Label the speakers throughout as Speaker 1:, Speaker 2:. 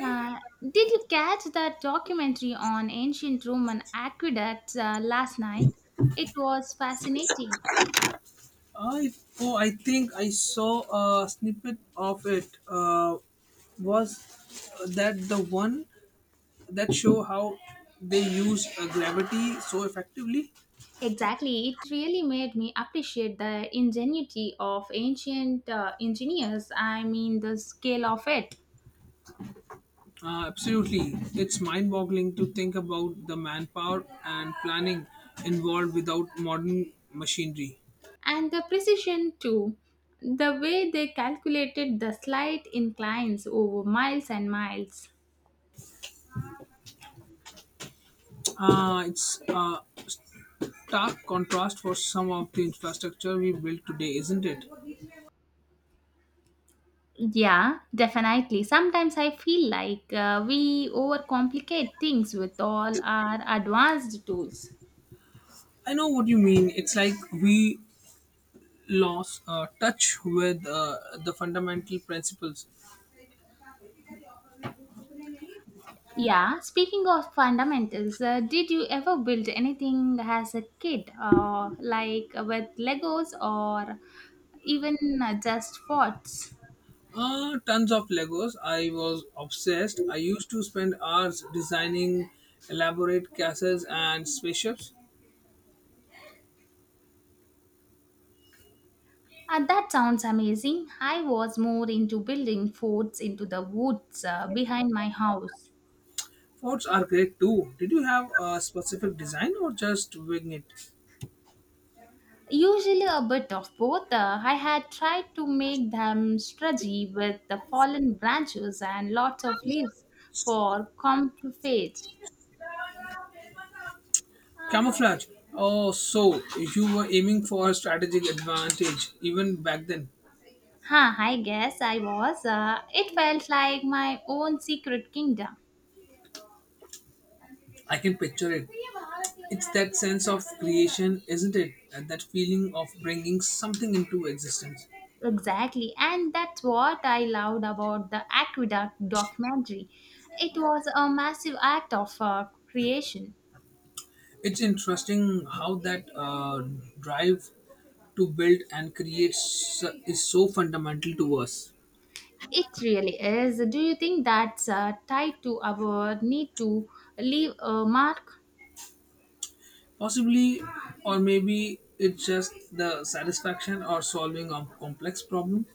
Speaker 1: Did you catch that documentary on ancient Roman aqueducts last night? It was fascinating.
Speaker 2: I oh I think I saw a snippet of it. Was that the one that show how they use gravity so effectively?
Speaker 1: Exactly, it really made me appreciate the ingenuity of ancient engineers. I mean, the scale of it
Speaker 2: Absolutely, it's mind-boggling to think about the manpower and planning involved without modern machinery.
Speaker 1: and the precision too. The way they calculated the slight inclines over miles and miles.
Speaker 2: It's a stark contrast for some of the infrastructure we built today, isn't it?
Speaker 1: Yeah, definitely. Sometimes I feel like we overcomplicate things with all our advanced tools.
Speaker 2: I know what you mean. It's like we lost touch with the fundamental principles.
Speaker 1: Yeah, speaking of fundamentals, did you ever build anything as a kid, like with Legos or even just forts?
Speaker 2: Tons of Legos. I was obsessed. I used to spend hours designing elaborate castles and spaceships.
Speaker 1: That sounds amazing. I was more into building forts into the woods behind my house.
Speaker 2: Forts are great too. Did you have a specific design or just wing it?
Speaker 1: Usually a bit of both. I had tried to make them stretchy with the fallen branches and lots of leaves for camouflage.
Speaker 2: Camouflage. Oh, so you were aiming for a strategic advantage even back then.
Speaker 1: Huh, I guess I was. It felt like my own secret kingdom.
Speaker 2: I can picture it. It's that sense of creation, isn't it? And that feeling of bringing something into existence.
Speaker 1: Exactly, and that's what I loved about the Aqueduct documentary. It was a massive act of creation.
Speaker 2: It's interesting how that drive to build and create is so fundamental to us.
Speaker 1: It really is. Do you think that's tied to our need to leave a mark?
Speaker 2: Possibly, or maybe it's just the satisfaction or solving a complex problem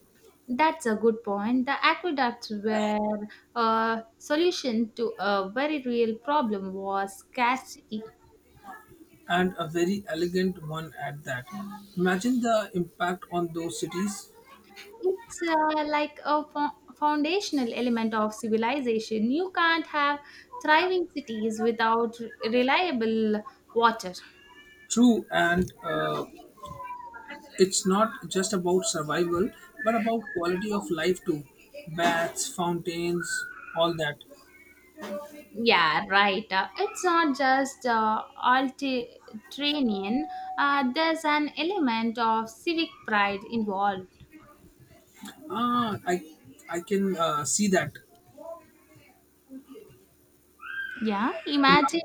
Speaker 1: That's a good point. The aqueducts were a solution to a very real problem was scarcity.
Speaker 2: and a very elegant one at that. Imagine the impact on those cities.
Speaker 1: It's like a foundational element of civilization. You can't have thriving cities without reliable water.
Speaker 2: True, and it's not just about survival, but about quality of life too. Baths, fountains, all that.
Speaker 1: Yeah, right. It's not just altitudinarian. There's an element of civic pride involved.
Speaker 2: Ah, I I can see that
Speaker 1: Yeah, imagine.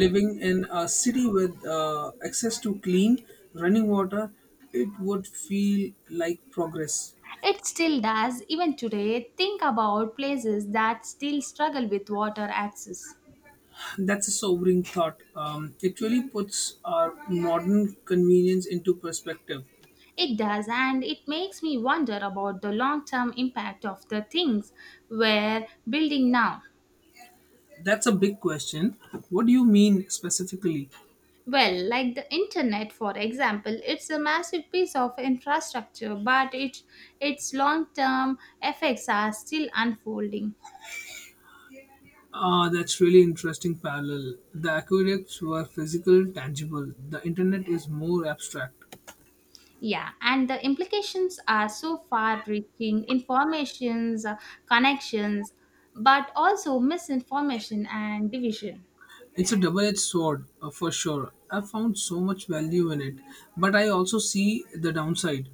Speaker 2: living in a city with access to clean running water, it would feel like progress.
Speaker 1: It still does, even today. Think about places that still struggle with water access.
Speaker 2: That's a sobering thought. It really puts our modern convenience into perspective.
Speaker 1: It does, and it makes me wonder about the long term impact of the things we're building now.
Speaker 2: That's a big question. What do you mean specifically?
Speaker 1: Well, like the internet, for example, it's a massive piece of infrastructure, but its long term effects are still unfolding.
Speaker 2: Ah, that's really interesting parallel. The aqueducts were physical, tangible. The internet is more abstract.
Speaker 1: Yeah, and the implications are so far reaching informations, connections, but also misinformation and division.
Speaker 2: It's a double-edged sword, for sure. I've found so much value in it, but I also see the downside.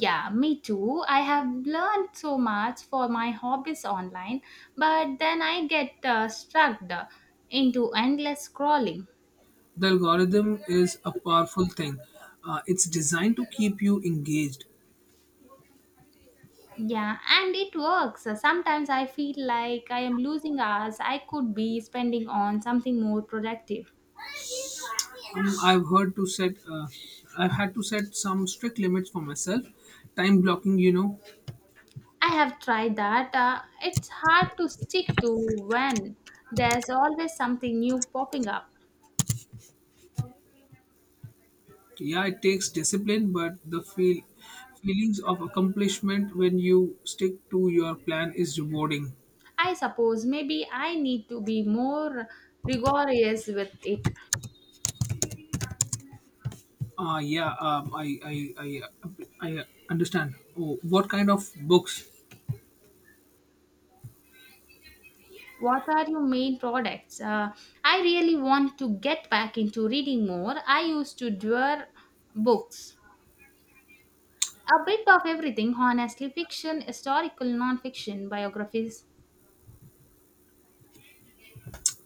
Speaker 1: Yeah, me too. I have learned so much for my hobbies online, but then I get struck into endless scrolling.
Speaker 2: The algorithm is a powerful thing. It's designed to keep you engaged.
Speaker 1: Yeah, and it works. Sometimes I feel like I am losing hours I could be spending on something more productive.
Speaker 2: I've heard to set. I've had to set some strict limits for myself. Time blocking, you know.
Speaker 1: I have tried that. It's hard to stick to when there's always something new popping up.
Speaker 2: Yeah, it takes discipline, but the feelings of accomplishment when you stick to your plan is rewarding.
Speaker 1: I suppose maybe I need to be more rigorous with it.
Speaker 2: Uh, yeah, um, I, I, I, I understand. Oh, what kind of books?
Speaker 1: What are your main products? I really want to get back into reading more. I used to devour books. A bit of everything, honestly fiction, historical non fiction, biographies.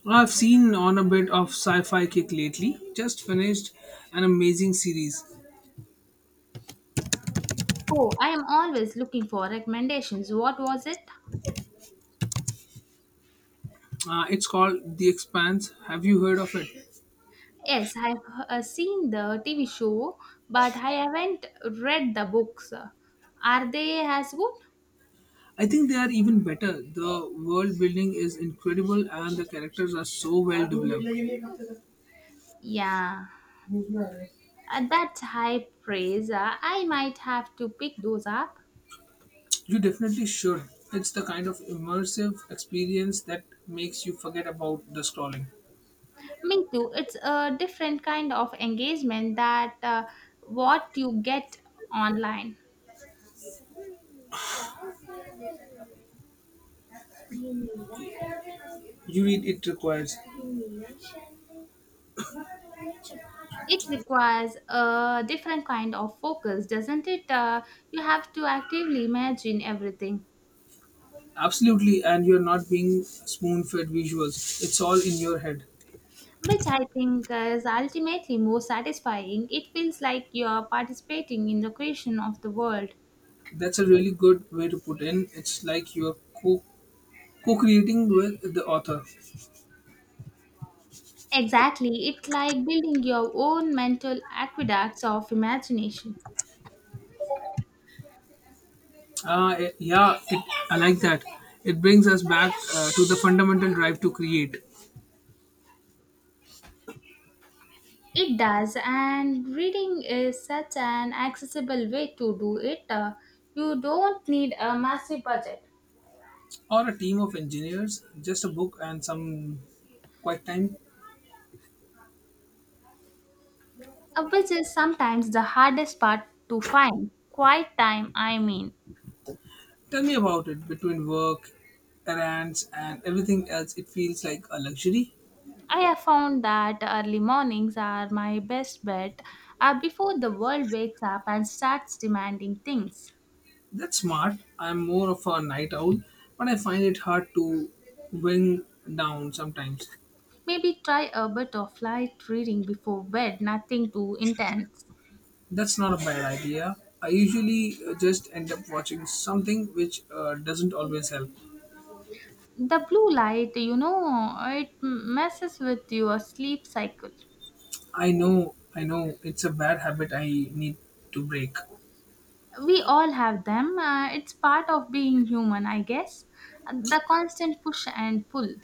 Speaker 2: I've seen on a bit of sci-fi kick lately. Just finished an amazing series.
Speaker 1: Oh, I am always looking for recommendations. What was it?
Speaker 2: It's called The Expanse. Have you heard of it?
Speaker 1: Yes, I've seen the TV show, but I haven't read the books. Are they as good?
Speaker 2: I think they are even better. The world building is incredible and the characters are so well developed.
Speaker 1: Yeah, that's high praise. I might have to pick those up.
Speaker 2: You definitely should. It's the kind of immersive experience that makes you forget about the scrolling.
Speaker 1: Me too. It's a different kind of engagement that what you get online.
Speaker 2: You read it requires.
Speaker 1: It requires a different kind of focus, doesn't it? You have to actively imagine everything.
Speaker 2: Absolutely, and you're not being spoon fed visuals. It's all in your head.
Speaker 1: Which I think is ultimately more satisfying. It feels like you're participating in the creation of the world.
Speaker 2: That's a really good way to put in. It's like you're co co-creating with the author.
Speaker 1: Exactly, it's like building your own mental aqueducts of imagination.
Speaker 2: Ah, eh, yeah, it, I like that. It brings us back to the fundamental drive to create,
Speaker 1: It does, and reading is such an accessible way to do it. You don't need a massive budget,
Speaker 2: or a team of engineers, just a book and some quiet time.
Speaker 1: which is sometimes the hardest part to find. Quiet time, I mean.
Speaker 2: Tell me about it. Between work, errands, and everything else, it feels like a luxury.
Speaker 1: I have found that early mornings are my best bet before the world wakes up and starts demanding things.
Speaker 2: That's smart. I'm more of a night owl, but I find it hard to wing down sometimes.
Speaker 1: Maybe try a bit of light reading before bed, nothing too intense.
Speaker 2: That's not a bad idea. I usually just end up watching something which doesn't always help.
Speaker 1: The blue light, you know, it messes with your sleep cycle.
Speaker 2: I know, it's a bad habit I need to break.
Speaker 1: We all have them, it's part of being human, I guess. The constant push and pull.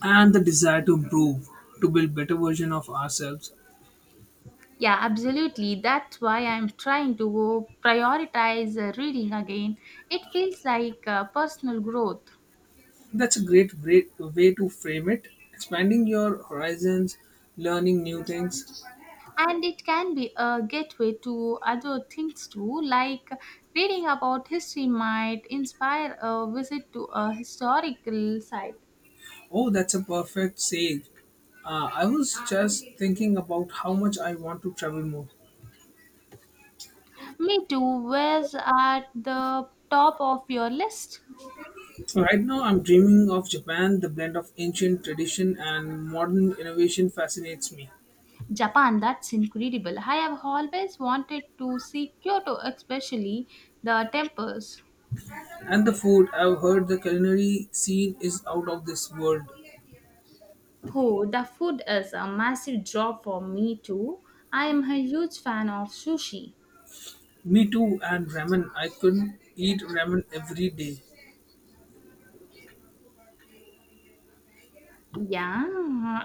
Speaker 2: And the desire to improve, to build better version of ourselves.
Speaker 1: Yeah, absolutely. That's why I'm trying to prioritize reading again. It feels like personal growth.
Speaker 2: That's a great way to frame it. Expanding your horizons, learning new things.
Speaker 1: And it can be a gateway to other things too, like reading about history might inspire a visit to a historical site.
Speaker 2: Oh, that's a perfect sage. I was just thinking about how much I want to travel more.
Speaker 1: Me too, where's at the top of your list?
Speaker 2: Right now, I'm dreaming of Japan. The blend of ancient tradition and modern innovation fascinates me.
Speaker 1: Japan, that's incredible. I have always wanted to see Kyoto, especially the temples.
Speaker 2: And the food, I've heard the culinary scene is out of this world.
Speaker 1: Oh, the food is a massive draw for me too. I am a huge fan of sushi.
Speaker 2: Me too, and ramen. I could eat ramen every day.
Speaker 1: Yeah,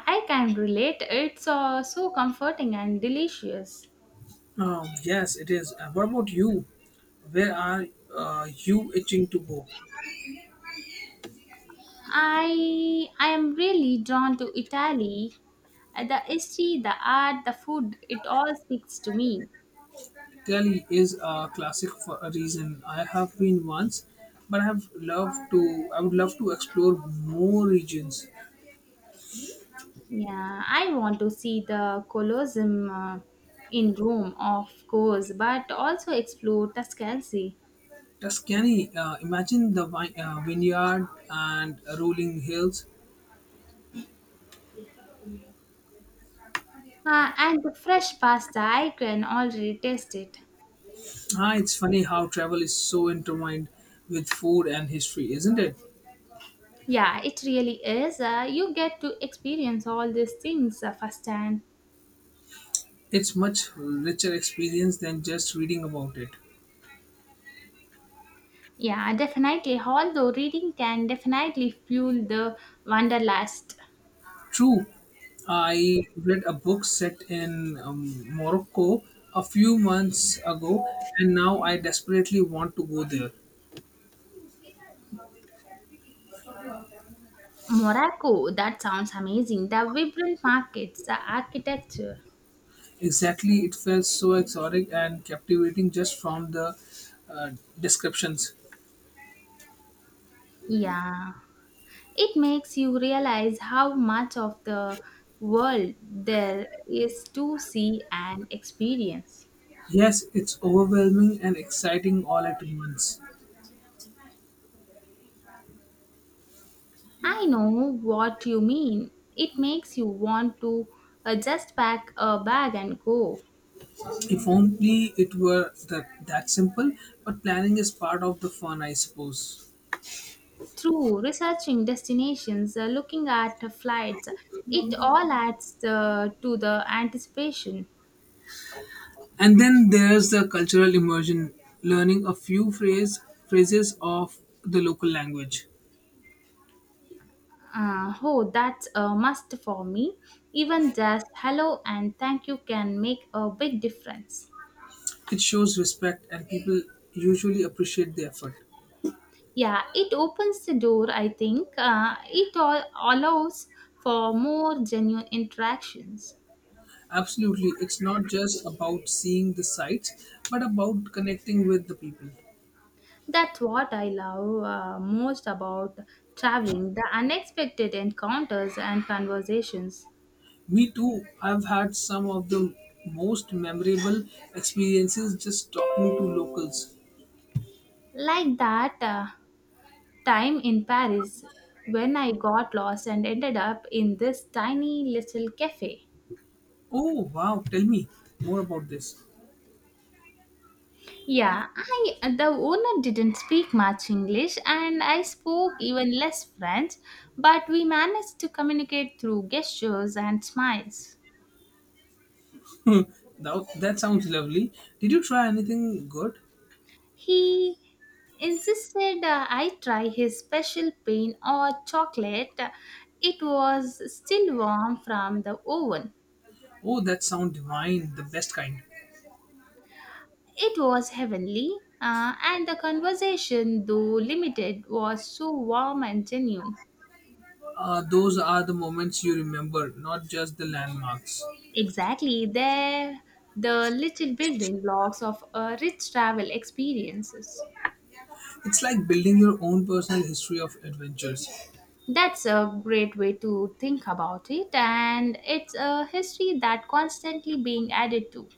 Speaker 1: I can relate. It's so comforting and delicious.
Speaker 2: Yes, it is. What about you? Where are you itching to go?
Speaker 1: I am really drawn to Italy. The history, the art, the food, it all speaks to me.
Speaker 2: Italy is a classic for a reason. I have been once, but I have loved to. I would love to explore more regions.
Speaker 1: Yeah, I want to see the Colosseum in Rome, of course, but also explore Tuscany.
Speaker 2: Tuscany. Imagine the vineyard and rolling hills.
Speaker 1: And the fresh pasta, I can already taste it.
Speaker 2: Ah, it's funny how travel is so intertwined with food and history, isn't it?
Speaker 1: Yeah, it really is. You get to experience all these things firsthand.
Speaker 2: It's much richer experience than just reading about it.
Speaker 1: Yeah, definitely. Although reading can definitely fuel the wanderlust.
Speaker 2: True, I read a book set in Morocco a few months ago, and now I desperately want to go there.
Speaker 1: Morocco, that sounds amazing. The vibrant markets, the architecture.
Speaker 2: Exactly, it felt so exotic and captivating just from the uh, descriptions.
Speaker 1: Yeah, it makes you realize how much of the world there is to see and experience.
Speaker 2: Yes, it's overwhelming and exciting all at once.
Speaker 1: I know what you mean. It makes you want to just pack a bag and go.
Speaker 2: If only it were that simple, but planning is part of the fun, I suppose.
Speaker 1: Through researching destinations, looking at flights, it all adds to the anticipation.
Speaker 2: And then there's the cultural immersion, learning a few phrases of the local language.
Speaker 1: Oh, that's a must for me. Even just hello and thank you can make a big difference.
Speaker 2: It shows respect, and people usually appreciate the effort.
Speaker 1: Yeah, it opens the door, I think. It all allows for more genuine interactions.
Speaker 2: Absolutely, it's not just about seeing the sights, but about connecting with the people.
Speaker 1: That's what I love most about traveling the unexpected encounters and conversations.
Speaker 2: Me too, I've had some of the most memorable experiences just talking to locals.
Speaker 1: Like that time in Paris when I got lost and ended up in this tiny little cafe.
Speaker 2: Oh wow, tell me more about this.
Speaker 1: Yeah, I the owner didn't speak much English and I spoke even less French, but we managed to communicate through gestures and smiles.
Speaker 2: That sounds lovely. Did you try anything good?
Speaker 1: He insisted I try his special pain or chocolate. It was still warm from the oven.
Speaker 2: Oh, that sound divine, the best kind.
Speaker 1: It was heavenly, and the conversation, though limited, was so warm and genuine.
Speaker 2: Those are the moments you remember, not just the landmarks.
Speaker 1: Exactly, they're the little building blocks of rich travel experiences.
Speaker 2: It's like building your own personal history of adventures.
Speaker 1: That's a great way to think about it, and it's a history that constantly being added to.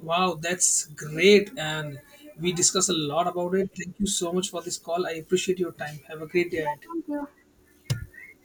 Speaker 2: Wow, that's great. And we discussed a lot about it. Thank you so much for this call. I appreciate your time. Have a great day
Speaker 1: Yeah,
Speaker 2: ahead.
Speaker 1: thank you.